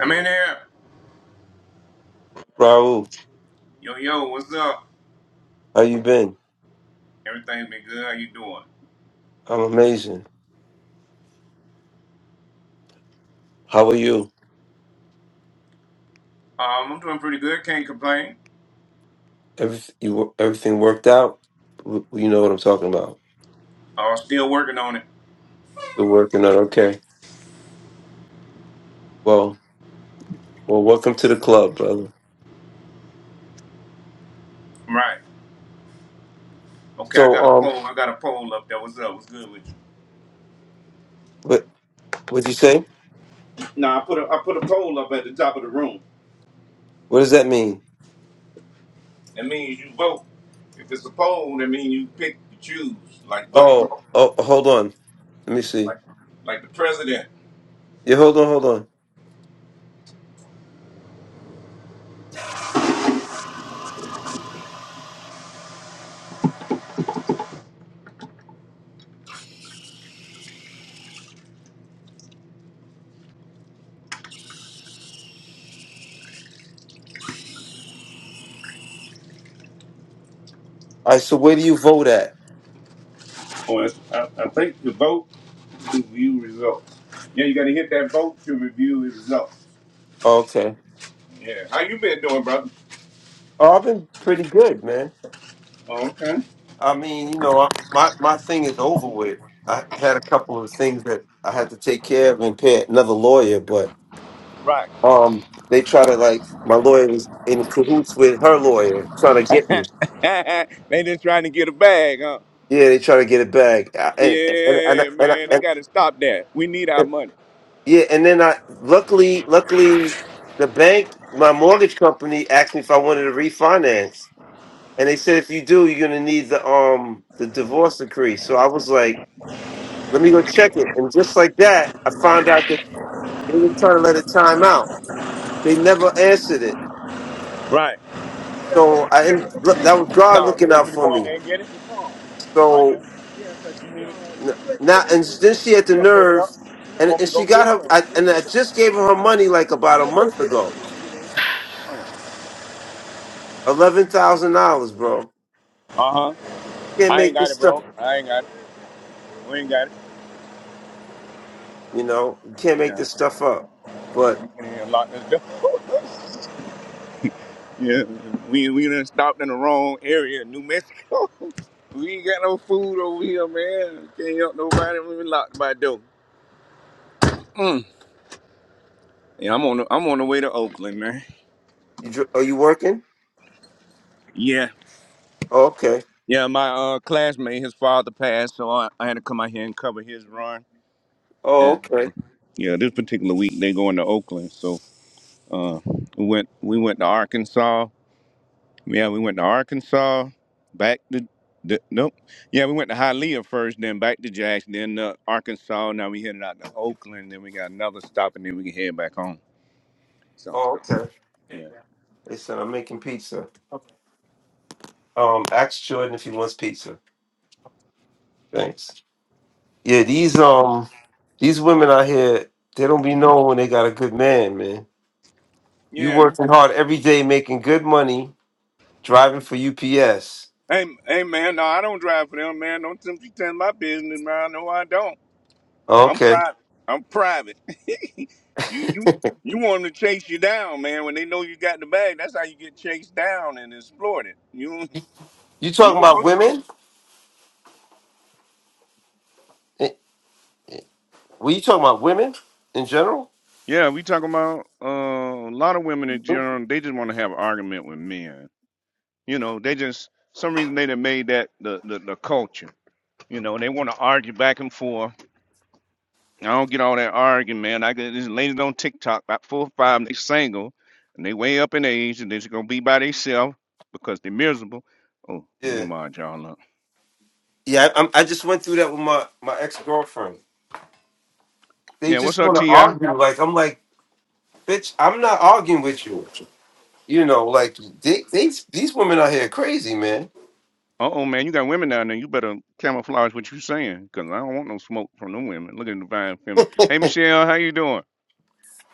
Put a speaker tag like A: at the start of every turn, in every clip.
A: I'm in there.
B: Raul,
A: Yo, yo, what's up?
B: how you been?
A: Everything been good? How you doing?
B: I'm amazing. How are you?
A: Um, I'm doing pretty good. Can't complain.
B: Every, you everything worked out? W- You know what I'm talking about.
A: Uh, still working on it.
B: Still working out. Okay. Well, well, welcome to the club, brother.
A: Right. Okay, I
B: So,
A: got a
B: um,
A: poll. I got a poll up there. What's up? What's good with you?
B: what what'd you say?
A: Nah, I put a I put a poll up at the top of the room.
B: What does that mean?
A: That means you vote. If it's a poll, that means you pick, you choose, like voting,
B: Oh, oh, hold on. Let me see.
A: like like the president.
B: Yeah, hold on, hold on. All right. So, where do you vote at?
A: Well, it's- I, I think the vote to view results. Yeah, you got to hit that vote to review the results.
B: Oh, okay.
A: Yeah. How you been doing, brother?
B: Oh, I've been pretty good, man.
A: Okay.
B: I mean, you know, I, my my thing is over with. I had a couple of things that I had to take care of and pay another lawyer, but.
A: Right.
B: um they try to like my lawyer was in cahoots with her lawyer trying to get me
A: they just trying to get a bag, huh?
B: yeah they try to get it back I- and and and,
A: Yeah,
B: and,
A: man, they
B: and,
A: gotta stop that. We need our
B: and
A: money.
B: yeah and then i luckily luckily the bank my mortgage company asked me if i wanted to refinance and they said if you do you're going to need the um the divorce decree so i was like let me go check it and just like that i found out that they were trying to let it time out they never answered it
A: Right.
B: so i and that was god
A: So you
B: looking
A: want
B: out
A: me to
B: for
A: go in
B: me
A: there and get it? Right
B: so
A: here.
B: N-
A: You
B: Now and then she had the
A: gonna pull it up?
B: nerve,
A: You
B: and,
A: want me
B: and
A: to
B: she
A: go get
B: got
A: it?
B: her. I, and I just gave her her money like about a month ago, eleven thousand dollars, bro.
A: Uh huh.
B: Can't
A: I ain't
B: make
A: got
B: this
A: it,
B: stuff.
A: bro. I ain't got it. We ain't got it.
B: You know, you can't make
A: Yeah.
B: this stuff up. But
A: We can hear a this door. yeah. We we done stopped in the wrong area, New Mexico. we ain't got no food over here, man. Can't help nobody. when We locked by door. Mm. Yeah, I'm on the, I'm on the way to Oakland, man.
B: you dr- are you working?
A: Yeah,
B: Oh, okay.
A: yeah. My uh, classmate, his father passed, so I, I had to come out here and cover his run.
B: Oh,
A: And
B: okay.
A: um, yeah, this particular week they going to Oakland, so uh, we went we went to Arkansas. Yeah, we went to Arkansas, back to the, nope. Yeah, we went to Hialeah first, then back to Jackson, then uh, Arkansas. Now we headed out to Oakland, then we got another stop, and then we can head back home. So
B: Oh, okay.
A: yeah,
B: They said I'm making pizza. Um, ask Jordan if he wants pizza. Thanks. Yeah, these um, these women out here, they don't be knowing when they got a good man, man. You
A: yeah.
B: working hard every day, making good money driving for UPS.
A: Hey, hey, man, no, I don't drive for them, man. Don't tempt you to my business, man. No, I don't. I'm
B: Okay.
A: private. I'm private. you, you, you want them to chase you down, man. When they know you got the bag, that's how you get chased down and exploited. You,
B: You
A: you
B: talking
A: ain't
B: about
A: supposed to-
B: women? Eh, Were you talking about women in general?
A: Yeah, we talking about uh, a lot of women in general. They just want to have an argument with men. You know, they just some reason they done made that the the, the culture. You know, they want to argue back and forth. I don't get all that arguing, man. I get these ladies on TikTok, about four or five, and they single, and they way up in age, and they're just gonna be by themselves because they're miserable. Oh, let me
B: Yeah.
A: mod y'all up.
B: Yeah, I, I'm, I just went through that with my, my ex girlfriend. They
A: Yeah, what's
B: just
A: up,
B: want to
A: Ti? Uh
B: argue. Like, I'm like, bitch, I'm not arguing with you. You know, like, they, they, these women out here crazy, man.
A: oh, man, you got women down there. You better camouflage what you saying, cause I don't want no smoke from no women. Look at the divine feminine. Hey, Michelle, how you doing?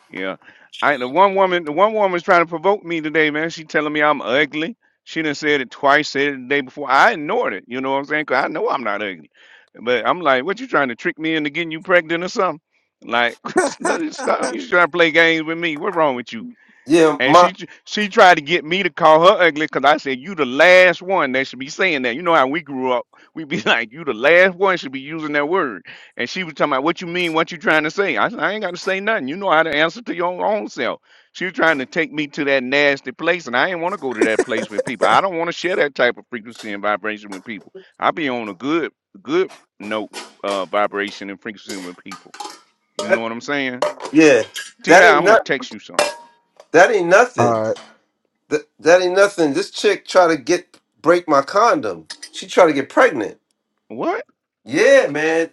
A: Yeah. I the one woman the one woman's trying to provoke me today, man. She telling me I'm ugly. She done said it twice, said it the day before. I ignored it. You know what I'm saying? 'Cause I know I'm not ugly. But I'm like, what you trying to trick me into getting you pregnant or something? Like, stop. You trying to play games with me. What's wrong with you?
B: Yeah,
A: And
B: my,
A: she she tried to get me to call her ugly because I said you the last one that should be saying that. You know how we grew up, we would be like you the last one should be using that word. And she was talking about what you mean, what you trying to say. I said I ain't got to say nothing. You know how to answer to your own self. She was trying to take me to that nasty place, and I didn't want to go to that place with people. I don't want to share that type of frequency and vibration with people. I be on a good good note, uh, vibration and frequency with people. You know
B: that,
A: what I'm saying?
B: yeah,
A: Ti,
B: that ain't
A: I'm gonna
B: not,
A: text you something.
B: that ain't nothing.
C: All right.
B: That, that ain't nothing. This chick try to get, break my condom. She try to get pregnant.
A: What?
B: Yeah, man.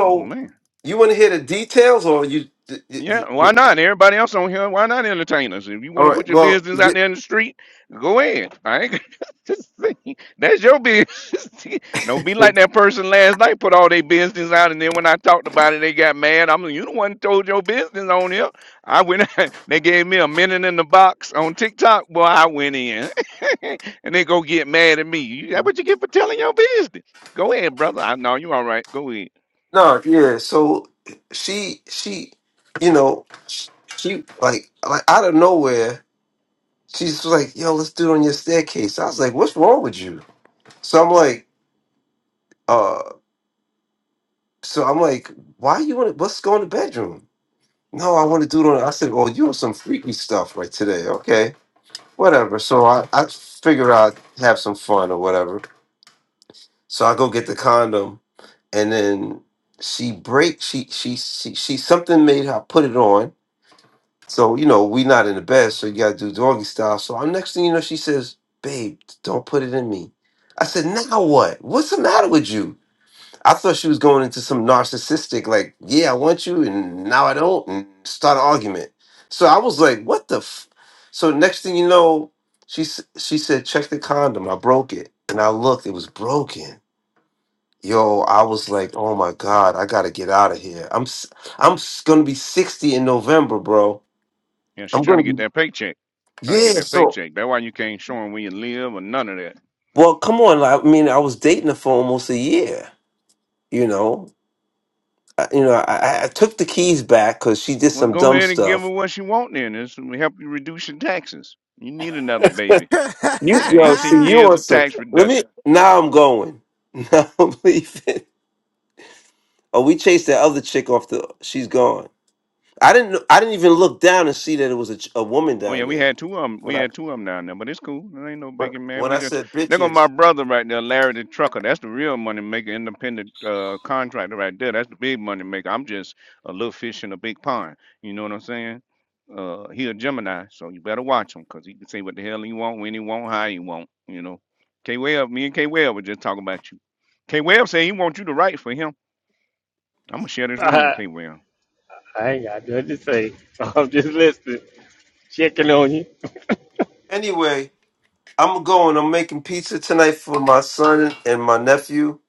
A: Oh man.
B: you want to hear the details, or you? d- d-
A: Yeah,
B: d-
A: why not? Everybody else on here, why not entertain us? If you want
B: All
A: to
B: right.
A: put your
B: Well,
A: business out there
B: y-
A: in the street, go ahead. I ain't just saying, that's your business. Don't be like that person last night put all their business out, and then when I talked about it, they got mad. I'm like, you the one who told your business on here. I went. they gave me a minute in the box on TikTok. Well, I went in, and they go get mad at me. You- That's what you get for telling your business. Go ahead, brother. I know you all right. Go ahead.
B: no, yeah. So she, she, you know, sh- she like like out of nowhere, she's like, "Yo, let's do it on your staircase." I was like, "What's wrong with you?" So I'm like, uh, so I'm like, "Why you want to? Let's go in the bedroom." No, I want to do it on. I said, "Oh, you on some freaky stuff right today?" Okay, whatever. So I I figure out have some fun or whatever. So I go get the condom, and then she break. She she she she something made her put it on. So you know we not in the bed, so you gotta do doggy style. So I'm next thing you know, she says, "Babe, don't put it in me." I said, "Now what? What's the matter with you?" I thought she was going into some narcissistic, like, "Yeah, I want you, and now I don't," and start an argument. So I was like, "What the?" F-? So next thing you know, she s- she said, "Check the condom." I broke it, and I looked; it was broken. Yo, I was like, oh my God, I gotta get out of here. I'm s- I'm s- gonna be 60 in November, bro.
A: Yeah, she's
B: I'm
A: trying
B: gonna
A: to get
B: be
A: that paycheck. Trying to get
B: yeah.
A: that
B: So
A: paycheck. That's why you can't show 'em where you live or none of that.
B: well, come on. like, I mean, I was dating her for almost a year. You know, I, you know, I, I I took the keys back because she did
A: Well,
B: some
A: go
B: dumb
A: ahead and give her
B: stuff.
A: what she want then. This will help you reduce your taxes. You need another baby.
B: You
A: Mm,
B: yo, see,
A: 18
B: you
A: years
B: are
A: of
B: some.
A: tax
B: Let
A: reduction.
B: me. Now I'm going. Now I'm leaving. Oh, we chased that other chick off the. She's gone. I didn't. know- I didn't even look down and see that it was a, ch- a woman
A: Oh yeah,
B: down
A: we
B: there
A: had two of 'em- We
B: when I
A: had two of 'em down there, but it's cool. There ain't no biggie, man.
B: when
A: We
B: I
A: just
B: said
A: there go
B: bitches.
A: my brother right there, Larry the trucker. That's the real money maker, independent uh, contractor right there. That's the big money maker. I'm just a little fish in a big pond. You know what I'm saying? Uh, he a Gemini, so you better watch him, 'cause he can say what the hell he want, when he want, how he want. You know, K Webb, me and K Webb were just talking about you. K Webb say he want you to write for him. I'm gonna share this room with
D: I,
A: K Webb.
D: I ain't got nothing to say. I'm just listening, checking on you.
B: Anyway, I'm going. I'm making pizza tonight for my son and my nephew,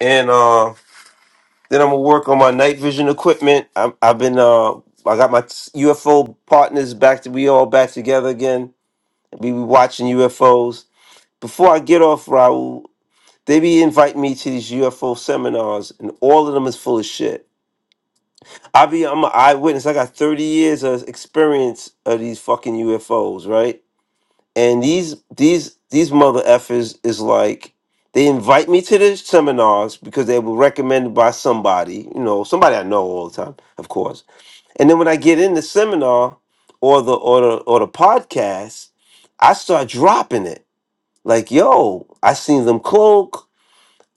B: and uh, then I'm gonna work on my night vision equipment. I'm, I've been. Uh, I got my t- UFO partners back. To, we all back together again. We be watching UFOs. Before I get off, Raul, they be inviting me to these UFO seminars, and all of them is full of shit. I be. I'm an eyewitness. I got 30 years of experience of these fucking UFOs, right? and these these these mother effers is like they invite me to the seminars because they were recommended by somebody, you know, somebody I know all the time, of course. And then when I get in the seminar or the or the or the podcast, I start dropping it. Like, yo, I seen them cloak.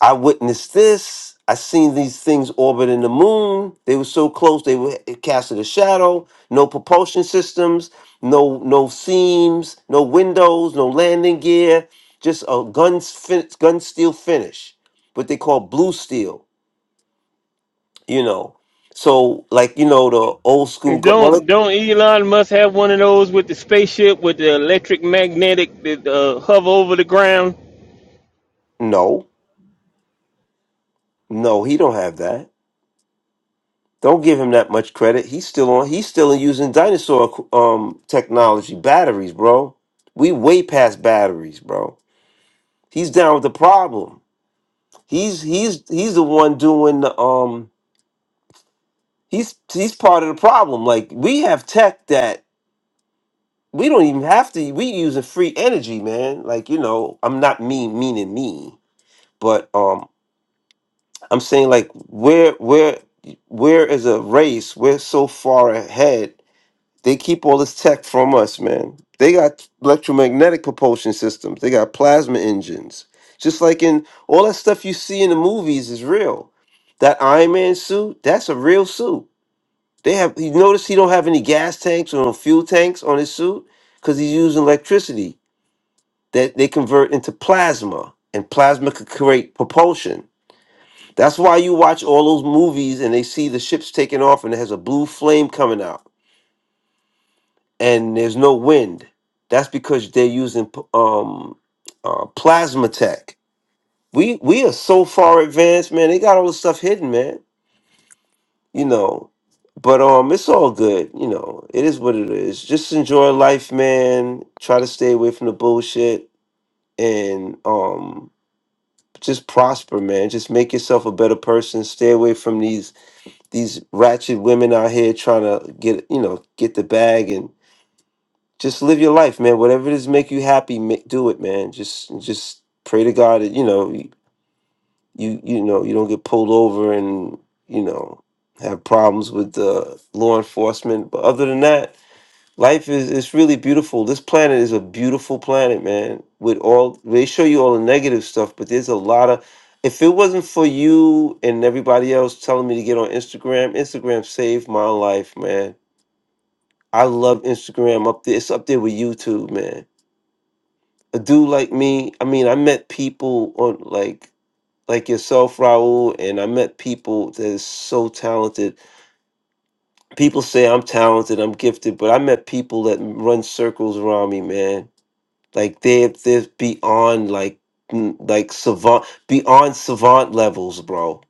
B: I witnessed this. I seen these things orbiting the moon. They were so close. They were it casted a shadow. No propulsion systems. No no seams. No windows. No landing gear. Just a gun fin- gun steel finish, what they call blue steel. You know. So like you know the old school. Gun- well,
D: Don't
B: it-
D: don't Elon must have one of those with the spaceship with the electric magnetic that uh, hover over the ground.
B: no, no, he don't have that. Don't give him that much credit. He's still on. He's still using dinosaur um technology batteries, bro. We way past batteries, bro. He's down with the problem. He's he's he's the one doing the um. He's he's part of the problem. Like we have tech that we don't even have to. We using free energy, man. Like you know, I'm not mean meaning me, but um, I'm saying like where where where is a race? We're so far ahead They keep all this tech from us, man. They got electromagnetic propulsion systems. They got plasma engines. Just like in all that stuff you see in the movies is real. That Iron Man suit, that's a real suit. They have you notice he don't have any gas tanks or no fuel tanks on his suit because he's using electricity that they convert into plasma, and plasma could create propulsion. That's why you watch all those movies and they see the ships taking off and it has a blue flame coming out and there's no wind. That's because they're using um, uh, plasma tech. We we are so far advanced, man. They got all this stuff hidden, man. You know, but um, it's all good. You know, it is what it is. Just enjoy life, man. Try to stay away from the bullshit and um, just prosper, man. Just make yourself a better person. Stay away from these these ratchet women out here trying to get you know get the bag and just live your life, man. Whatever it is make you happy, ma- do it, man. Just just pray to God that you know you you know you don't get pulled over and you know have problems with uh, law enforcement. But other than that, life is it's really beautiful. This planet is a beautiful planet, man. With all they show you all the negative stuff, but there's a lot of if it wasn't for you and everybody else telling me to get on Instagram, Instagram saved my life, man. I love Instagram up there. It's up there with YouTube, man a dude like me, I mean, I met people on like like yourself, Raul, and I met people that is so talented. People say I'm talented, I'm gifted, but I met people that run circles around me, man. Like they're they're beyond like mm, like savant beyond savant levels, bro.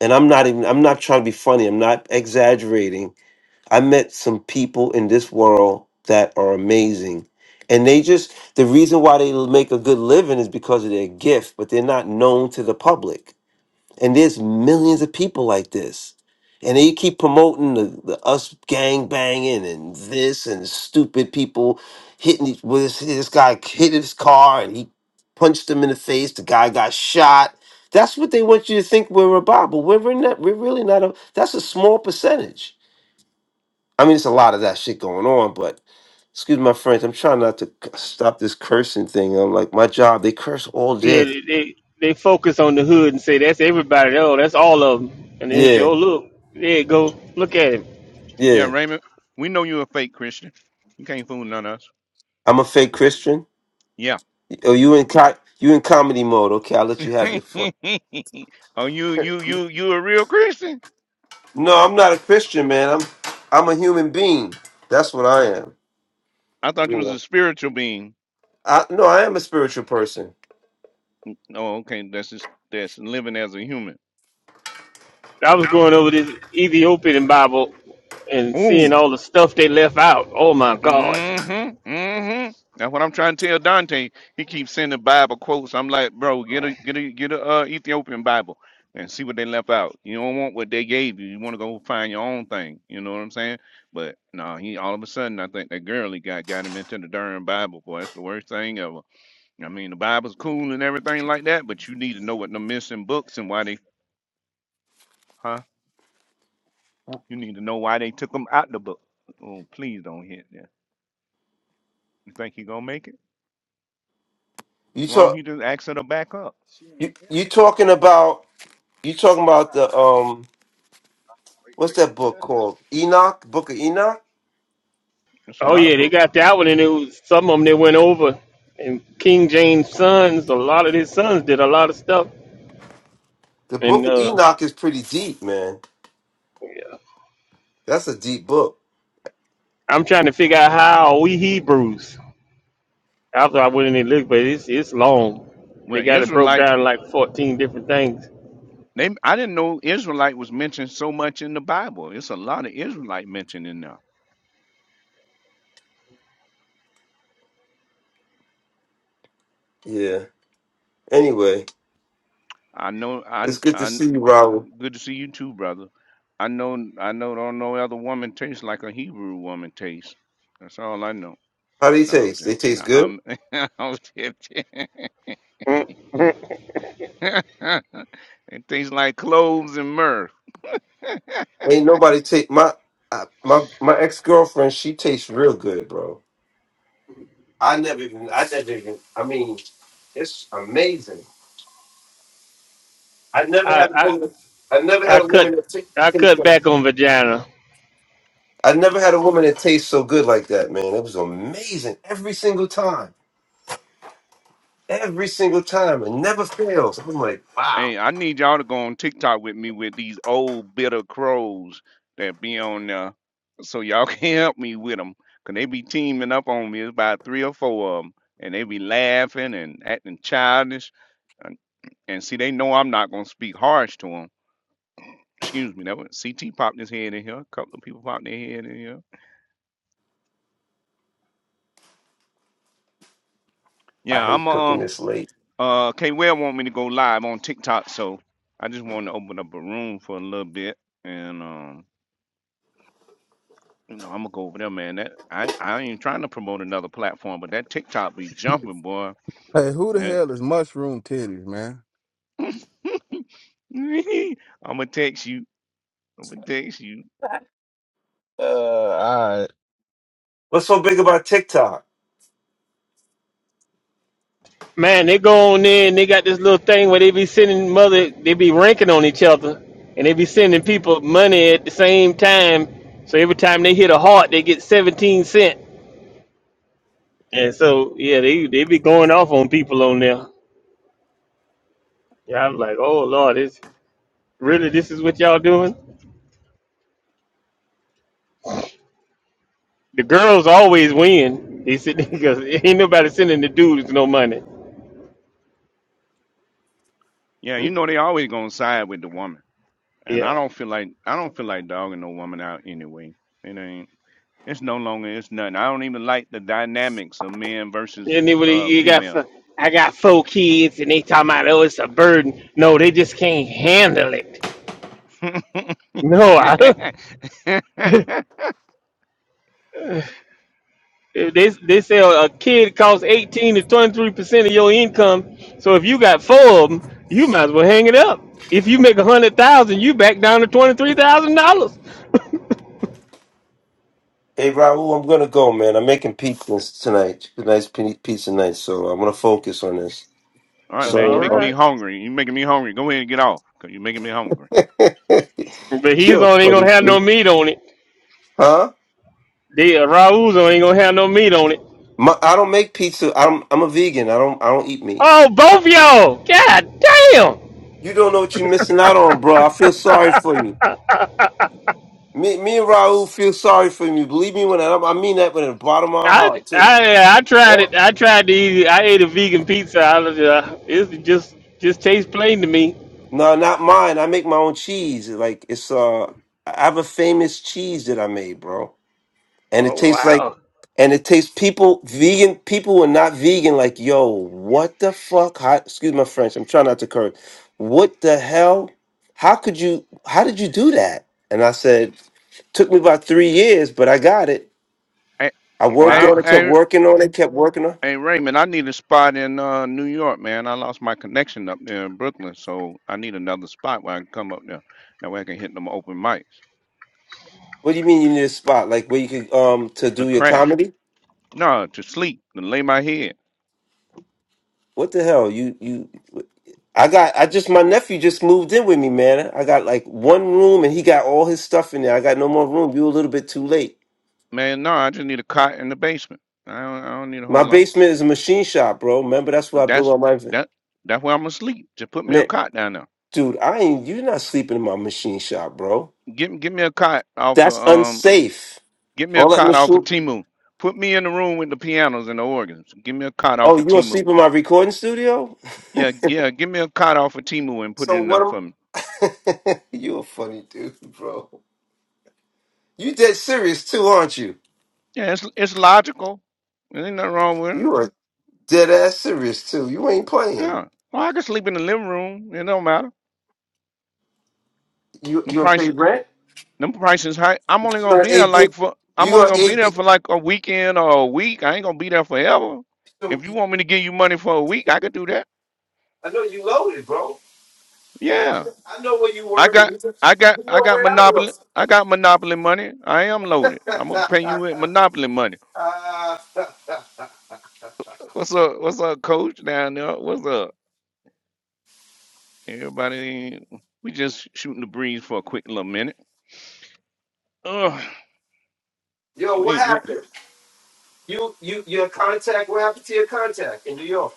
B: And I'm not even I'm not trying to be funny. I'm not exaggerating. I met some people in this world that are amazing. And they just, the reason why they make a good living is because of their gift, but they're not known to the public. And there's millions of people like this. And they keep promoting the, the us gang banging and this and stupid people hitting each- well, this, this guy hit his car and he punched him in the face. The guy got shot. That's what they want you to think we're about, but we're not. We're really not. A, that's a small percentage I mean, it's a lot of that shit going on, but excuse my French. I'm trying not to c- stop this cursing thing. I'm like, my job, they curse all
D: Yeah,
B: day.
D: they, they they focus on the hood and say that's everybody. Oh, that's all of them. And then they say,
B: Yeah,
D: oh look, there it go. Look at it.
A: Yeah,
B: yeah.
A: Raymond, we know you a fake Christian. You can't fool none of us.
B: I'm a fake Christian.
A: Yeah.
B: Oh, you in co- you in comedy mode? Okay, I'll let you have your fun.
A: oh, you you you you a real Christian?
B: No, I'm not a Christian, man. I'm I'm a human being. That's what I am.
A: I thought you
B: You
A: was a
B: know.
A: spiritual being.
B: I no, I am a spiritual person.
A: Oh, okay, that's just that's living as a human.
D: I was going over this Ethiopian Bible and seeing
A: Ooh.
D: all the stuff they left out. Oh my God.
A: Mm-hmm. Mm-hmm. That's what I'm trying to tell Dante. He keeps sending Bible quotes. I'm like, bro, get a get a get a uh, Ethiopian Bible and see what they left out. You don't want what they gave you. You want to go find your own thing. You know what I'm saying? But no, he all of a sudden I think that girl he got got him into the darn Bible. Boy, that's the worst thing ever. I mean, the Bible's cool and everything like that, but you need to know what the missing books and why they, huh? You need to know why they took them out the book. Oh, please don't hit that. You think he gonna make it?
B: You
A: Why don't
B: talk
A: he just ask her to back up?
B: you you talking about you talking about the um what's that book called? Enoch, Book of Enoch.
A: It's a
D: Oh
A: lot
D: yeah,
A: of
D: they
A: books.
D: got that one, and it was some of them that went over. And King James' sons, a lot of his sons did a lot of stuff.
B: The
D: And
B: Book of
D: uh,
B: Enoch is pretty deep, man.
D: yeah.
B: That's a deep book.
D: I'm trying to figure out how we Hebrews. After I went in and looked, but it's it's long. They
A: Well,
D: got it broke
A: Israelite,
D: down like 14 different things.
A: they, I didn't know Israelite was mentioned so much in the Bible. It's a lot of Israelite mentioned in there.
B: Yeah. Anyway,
A: I know, I,
B: it's good to
A: I,
B: see you, Raul.
A: good to see you too, brother. I know, I know, don't no other woman tastes like a Hebrew woman tastes. That's all I know.
B: How do they
A: No, I'm
B: taste?
A: just,
B: They
A: no,
B: taste good.
A: I'm, I'm just,
D: Mm.
A: and things like cloves and mirth.
B: Ain't nobody take my I, my my ex girlfriend. She tastes real good, bro. I never even. I never even. I mean, it's amazing. I never
D: I
B: had a
D: I
B: woman. I never
D: I
B: had a
D: cut
B: woman that ta-
D: I
B: tastes.
D: cut
B: so-
D: back on vagina.
B: I never had a woman that tastes so good like that, man. It was amazing every single time. Every single time, it never fails. I'm like, wow.
A: Hey, I need y'all to go on TikTok with me with these old bitter crows that be on there, so y'all can help me with them, cause they be teaming up on me. It's about three or four of them, and they be laughing and acting childish. And, and see, they know I'm not gonna speak harsh to them. Excuse me, that was CT popped his head in here. A couple of people popped their head in here.
B: I
A: Yeah,
B: hate
A: I'm a. um,
B: cooking this late.
A: Uh, K Well want me to go live on TikTok, so I just want to open up a room for a little bit, and um, you know, I'm gonna go over there, man. That I I ain't trying to promote another platform, but that TikTok be jumping, boy.
C: hey, who the
A: That
C: hell is Mushroom Titties, man?
A: I'm gonna text you. I'm gonna text you.
C: Uh, all right.
B: What's so big about TikTok?
D: Man, they go on there and they got this little thing where they be sending mother, they be ranking on each other, and they be sending people money at the same time. So every time they hit a heart, they get seventeen cent. And so yeah, they they be going off on people on there. Yeah, I'm like, oh lord, this really this is what y'all doing? The girls always win. They said because ain't nobody sending the dudes no money.
A: Yeah, you know they always gonna side with the woman, and
D: Yeah,
A: I don't feel like I don't feel like dogging no woman out anyway. It ain't. It's no longer. It's nothing. I don't even like the dynamics of men versus
D: and then when
A: uh
D: you got.
A: female.
D: f- I got four kids, and they talking about oh, it's a burden. No, they just can't handle it. No,
A: All
D: I, they they say a a kid costs eighteen to twenty three percent of your income. So if you got four of them, you might as well hang it up. If you make a hundred thousand, you back down to twenty three thousand dollars.
B: Hey, Raul, I'm gonna go, man. I'm making pizza tonight. A nice pi- pizza night, so I'm gonna focus on this.
A: right, man, you're
D: All
A: making me
B: So,
D: right,
A: hungry. You're making me hungry. Go ahead and get off, you are making me hungry.
B: um,
D: but he's
B: You're
D: on ain't gonna have no meat on it.
B: huh?
D: The uh, Raul's on ain't gonna have no meat on it.
B: My, I don't make pizza. I'm I'm a vegan. I don't I don't eat meat.
D: Oh, both y'all! God
B: You don't know what you're missing out on, bro. I feel sorry for you.
D: damn!
B: Me, me and Raul feel sorry for you. Believe me when I, I mean that with the bottom of my
D: I,
B: heart too.
D: I I tried
B: Or
D: it. I tried to eat. I ate a vegan pizza. I was, uh, it just just tastes plain to me.
B: no, not mine. I make my own cheese. Like it's uh, I have a famous cheese that I made, bro, and it
D: Oh
B: tastes like
D: wow,
B: And it takes people, vegan people who are not vegan, like, yo, what the fuck? How, excuse my French. I'm trying not to curse. What the hell? How could you? How did you do that? And I said, took me about three years, but I got it.
A: Hey,
B: I
D: Oh,
B: worked
A: hey,
B: on
D: wow.
B: it, kept
A: hey,
B: working on it, kept working on.
A: hey, Raymond, I need a spot in uh, New York, man. I lost my connection up there in Brooklyn, so I need another spot where I can come up there. That way I can hit them open mics.
B: What do you mean you need a spot like where you could um to
A: The
B: do your
A: crash.
B: comedy?
A: No, to sleep, to lay my head.
B: What the hell? You you. I got. I just my nephew just moved in with me, man. I got like one room, and he got all his stuff in there. I got no more room. You a little bit too late.
A: Man, no, I just need a cot in the basement. I don't, I don't need a
B: My
A: whole lot.
B: basement is a machine shop, bro. Remember, that's where
A: But
B: I built
A: that's
B: all my inven-
A: that. That's where I'm gonna sleep. Just put me a
B: man,
A: cot down there.
B: dude. I ain't you're not sleeping in my machine shop, bro.
A: Give, me- give me a cot off of
B: That's
A: um
B: unsafe.
A: Get me a
B: All that
A: card off of
B: machine.
A: Timu. Put me in the room with the pianos and the organs. Give me a card
B: Oh,
A: off
B: you
A: of
B: gonna
A: Timu.
B: sleep in my recording studio?
A: Yeah, yeah. Give me a card off of Timu and put it
B: So
A: in there
B: what?
A: for me.
B: Am- you a funny dude, bro. You dead serious too, aren't you?
A: Yeah, it's it's logical. There ain't nothing wrong with it.
B: You are dead ass serious too. You ain't playing.
A: Yeah. Well, I can sleep in the living room. It don't matter.
B: You
A: Them
B: you gonna pay
A: prices,
B: rent?
A: them prices high. I'm only
B: You
A: gonna
B: gonna
A: be there
B: AB?
A: like for.
B: You
A: I'm only
B: gonna
A: gonna be there
B: AB?
A: for like a weekend or a week. I ain't gonna be there forever.
B: So,
A: If you want me to give you money for a week, I could do that.
B: I know you loaded, bro. I
A: Yeah.
B: know I know where you
A: I
B: work, and you
A: got I got
B: you
A: I
B: know
A: got
B: where I
A: monopoly I got monopoly money. I am loaded. I'm gonna
B: work.
A: pay you with monopoly money.
B: Uh,
A: What's up? What's up, coach down there? What's up? Everybody we just shooting the breeze for a quick little minute. Ugh.
B: yo,
A: we
B: what
A: we-
B: happened? You, you, your contact. What happened to your contact in New York?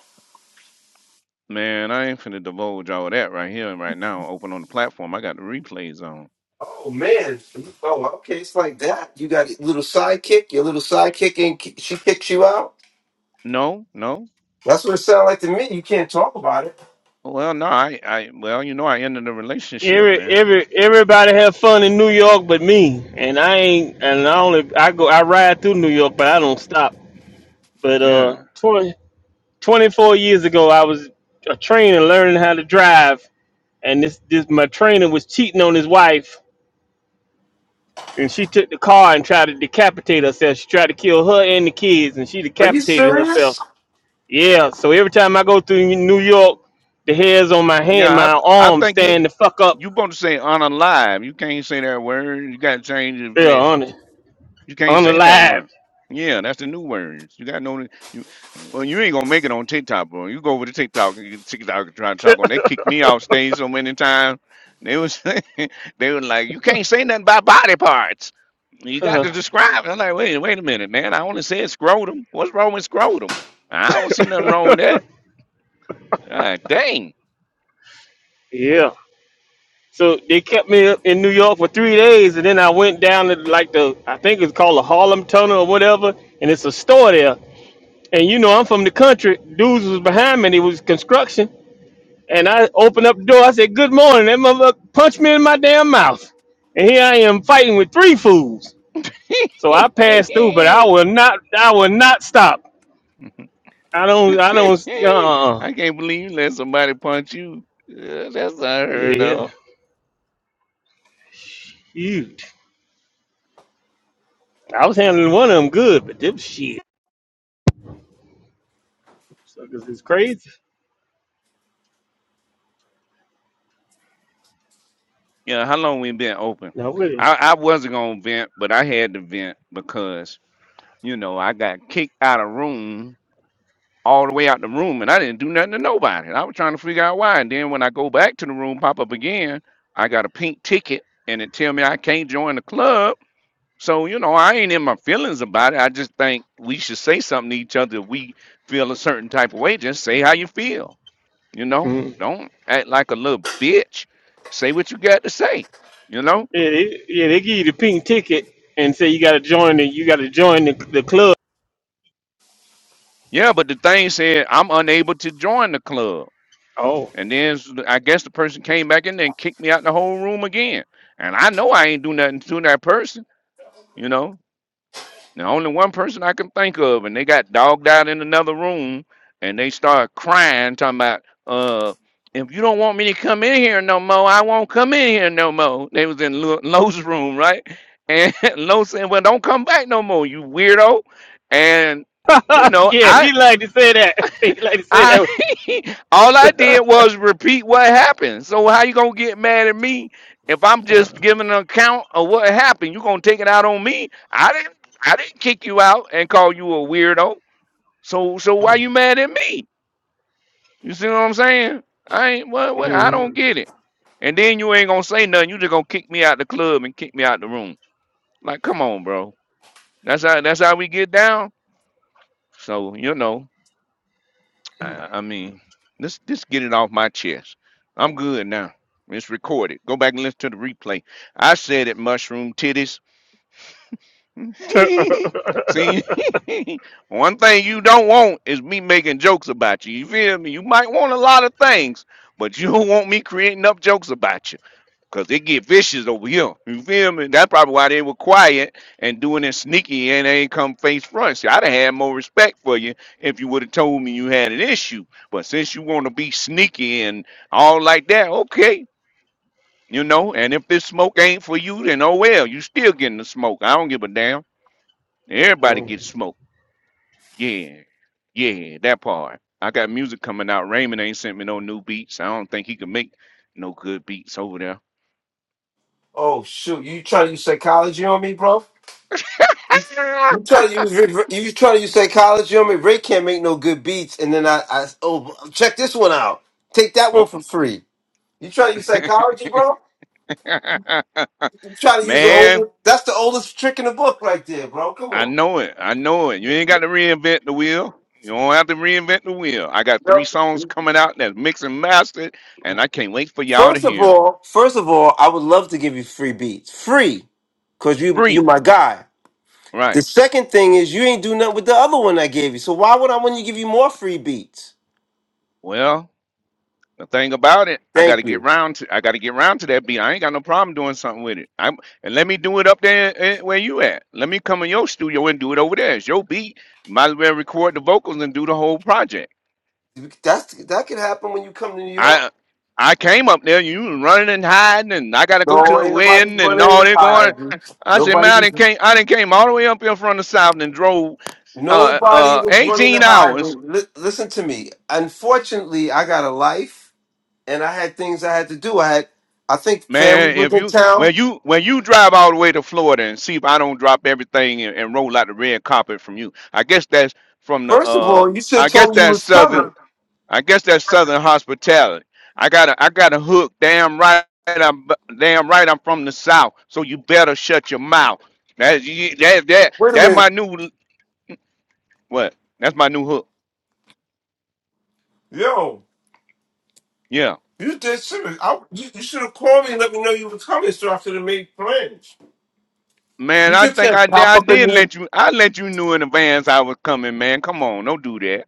A: man, I ain't finna divulge all that right here and right now. Open on the platform. I got the replays on.
B: Oh man. Oh, okay. It's like that. You got a little sidekick. Your little sidekick, and ki- she kicks you out.
A: No, no.
B: That's what it sounds like to me. You can't talk about it.
A: Well, no, I, I well, you know I ended the relationship,
D: Every
A: man.
D: every everybody have fun in New York, but me. And I ain't. And I only I go. I ride through New York, but I don't stop. But uh,
A: Yeah.
D: 20 24 years ago, I was a trainer learning how to drive, and this this my trainer was cheating on his wife. and she took the car and tried to decapitate herself. She tried to kill her and the kids, and she
B: Are you
D: decapitated
B: serious?
D: herself. Yeah. So every time I go through New York, the hairs on my hand,
A: Yeah, I
D: my
A: I
D: arms
A: think you
D: stand the fuck up.
A: You supposed to say unalive. You can't say that word. You gotta change it.
D: Yeah,
A: Say
D: on it,
A: you can't say that
D: unalive.
A: word. Yeah, that's the new words. You gotta know that you well, you ain't gonna make it on TikTok, bro. You go over to TikTok and you get TikTok and try to talk on they kicked me off stage so many times. They was they were like, You can't say nothing about body parts. You got
D: Uh,
A: to describe it. I'm like, wait, wait a minute, man. I only said scrotum. What's wrong with scrotum? I don't see nothing wrong with that. Ah, dang.
D: yeah. So they kept me up in New York for three days, and then I went down to like the I think it's called the Harlem Tunnel or whatever, and it's a store there. And you know I'm from the country. Dudes was behind me. and It was construction. And I opened up the door. I said, Good morning. That motherfucker punched me in my damn mouth. And here I am fighting with three fools. So I passed through, but I will not I will not stop. I don't I don't uh
A: I can't believe you let somebody punch you. Uh, that's unheard
D: yeah.
A: of.
D: Shoot. I was handling one of them good, but them shit. Suckers is crazy.
A: Yeah, how long we been open?
D: No really.
A: I, I wasn't gonna vent, but I had to vent because you know I got kicked out of room all the way out the room, and I didn't do nothing to nobody. And I was trying to figure out why, and then when I go back to the room, pop up again, I got a pink ticket, and it tell me I can't join the club. So you know I ain't in my feelings about it. I just think we should say something to each other. If we feel a certain type of way, just say how you feel. You know,
D: Mm.
A: don't act like a little bitch. Say what you got to say. You know,
D: Yeah, they, yeah, they give you the pink ticket and say you gotta join the you gotta join the, the club.
A: yeah. But the thing said, I'm unable to join the club,
D: Oh.
A: and then s- I guess the person came back in there and kicked me out the whole room again. And I know I ain't do nothing to that person. You know, Now, only one person I can think of, and they got dogged out in another room, and they start crying, talking about, uh, if you don't want me to come in here no more, I won't come in here no more. They was in Lo- Lo's room, right? And Lo said, well, don't come back no more, you weirdo. And you know,
D: yeah,
A: I
D: he like to say that. He like to say
A: I
D: that.
A: all I did was repeat what happened. So how you gonna get mad at me if I'm just giving an account of what happened? You gonna take it out on me? I didn't I didn't kick you out and call you a weirdo. So so why you mad at me? You see what I'm saying? I ain't what, what I
D: Mm-hmm.
A: don't get it. And then you ain't gonna say nothing. You just gonna kick me out the club and kick me out the room. Like come on, bro. That's how that's how we get down. So you know. I, I mean, let's just get it off my chest. I'm good now. It's recorded. Go back and listen to the replay. I said it, mushroom titties. See, one thing you don't want is me making jokes about you. You feel me? You might want a lot of things, but you don't want me creating up jokes about you. Cause it get vicious over here. You feel me? That's probably why they were quiet and doing it sneaky and they ain't come face front. See, I'd have had more respect for you if you would have told me you had an issue. But since you want to be sneaky and all like that, okay. You know, and if this smoke ain't for you, then oh well, you still getting the smoke. I don't give a damn. Everybody
D: Mm.
A: gets smoke. Yeah. Yeah, that part. I got music coming out. Raymond ain't sent me no new beats. I don't think he can make no good beats over there.
B: Oh shoot! You trying to use psychology on me, bro? You trying to use re- you trying to use psychology on me? Ray can't make no good beats, and then I, I oh check this one out. Take that
A: Uh
B: one for free. You trying to use psychology, bro? Try to use the
A: Man,
B: oldest. That's the oldest trick in the book, right there, bro. Come
A: I
B: on.
A: know it. I know it. You ain't got to reinvent the wheel. You don't have to reinvent the wheel. I got three songs
B: Yep.
A: coming out that's mixed and mastered, and I can't wait for y'all to
B: First of
A: hear 'em.
B: all, first of all, I would love to give you free beats, free, cause you you
A: Free.
B: my guy.
A: Right.
B: The second thing is you ain't do nothing with the other one I gave you. So why would I want to give you more free beats?
A: Well, the thing about it, I got
B: Thank
A: to get
B: you.
A: round to I got to get round to that beat. I ain't got no problem doing something with it. I'm and let me do it up there eh, where you at. Let me come in your studio and do it over there. It's your beat. You might as well record the vocals and do the whole project.
B: That's that could happen when you come to New York.
A: I I came up there, you was running and hiding, and I gotta go to
B: No,
A: a
B: ain't nobody
A: wedding and
B: running
A: all
B: to
A: that going.
B: hide. you.
A: I said, man,
B: Nobody
A: I
B: was
A: didn't came I didn't came all the way up here from the south and drove uh
B: nobody
A: uh
B: was running to
A: 18
B: hide.
A: hours.
B: you. Li- listen to me. Unfortunately, I got a life. and I had things I had to do. I had, I think, family
A: Man,
B: was
A: if
B: in
A: you
B: town.
A: when you when you drive all the way to Florida and see if I don't drop everything and, and roll out the red carpet from you. I guess that's from the
B: First of
A: uh
B: all, you should
A: I
B: have
A: guess
B: told me you
A: that's
B: was
A: southern
B: coming.
A: I guess that's Southern hospitality. I got a, I got a hook. Damn right, I'm damn right. I'm from the South, so you better shut your mouth. That you- that that
B: Wait a
A: that's
B: minute,
A: my new what? That's my new hook.
B: yo,
A: Yeah,
B: you did serious. I, you, you should have called me and let me know you were coming, so I could have made plans. You
A: man. I
B: just
A: think
B: said
A: I did-
B: pop
A: I
B: up in
A: did
B: me.
A: let you I let you know in advance I was coming, man. Come on, don't do that.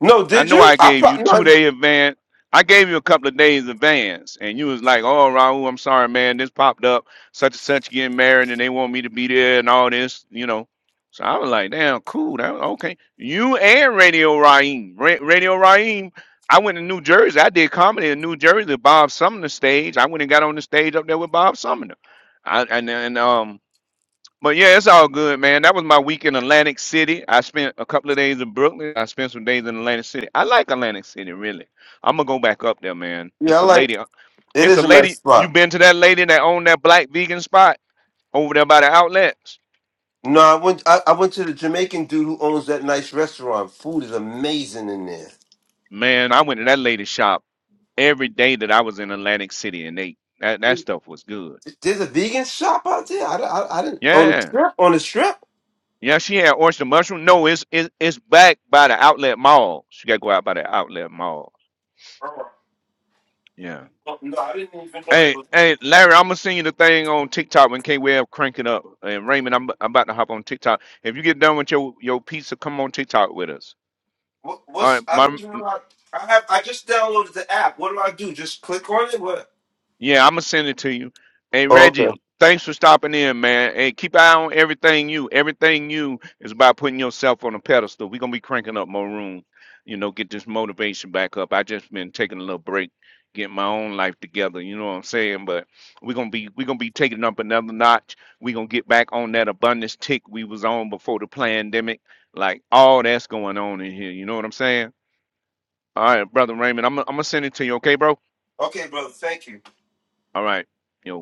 B: No,
A: I
B: did
A: know
B: you?
A: I
B: I
A: gave you
B: pro-
A: two
B: no,
A: day advance. I gave you a couple of days advance, and you was like, "Oh, Raul, I'm sorry, man. This popped up. Such and such getting married, and they want me to be there, and all this, you know." So I was like, "Damn, cool. That okay." You and Radio Raheem, Ra- Radio Raheem. I went to New Jersey. I did comedy in New Jersey. Bob Sumner stage. I went and got on the stage up there with Bob Sumner. I and and um but yeah, it's all good, man. That was my week in Atlantic City. I spent a couple of days in Brooklyn. I spent some days in Atlantic City. I like Atlantic City, really. I'm gonna go back up there, man.
B: yeah, I
A: It's a
B: like
A: lady.
B: it
A: It's
B: is
A: a
B: a nice
A: lady. You
B: spot.
A: been to that lady that owned that black vegan spot over there by the outlets?
B: No, I went. I, I went to the Jamaican dude who owns that nice restaurant. Food is amazing in there.
A: Man, I went to that lady's shop every day that I was in Atlantic City and ate. That that stuff was good.
B: There's a vegan shop out there. I, I, I didn't on the
A: Yeah.
B: strip. On the strip.
A: Yeah, she had oyster mushroom. No, it's it's it's back by the outlet mall. She gotta go out by the outlet mall. Yeah.
B: Oh, No, I didn't even know there
A: Hey,
B: was.
A: hey, Larry, I'm gonna send you the thing on TikTok when K Web crank it up. And Raymond, I'm, I'm about to hop on TikTok. If you get done with your your pizza, come on TikTok with us.
B: What,
A: All
B: what's
A: right,
B: I don't
A: my
B: even know. How, I have I just downloaded the app. What do I do? Just click on it. What?
A: Yeah, I'm gonna send it to you. Hey
B: Oh, Okay.
A: Reggie, thanks for stopping in, man. And keep an eye on everything you. Everything you is about putting yourself on a pedestal. We're gonna be cranking up more room. You know, get this motivation back up. I just been taking a little break, getting my own life together. You know what I'm saying? But we're gonna be we're gonna be taking up another notch. We're gonna get back on that abundance tick we was on before the pandemic. Like all that's going on in here. You know what I'm saying? All right, brother Raymond, I'm I'm gonna send it to you. Okay, bro?
B: Okay, brother. Thank you.
A: All right, yo.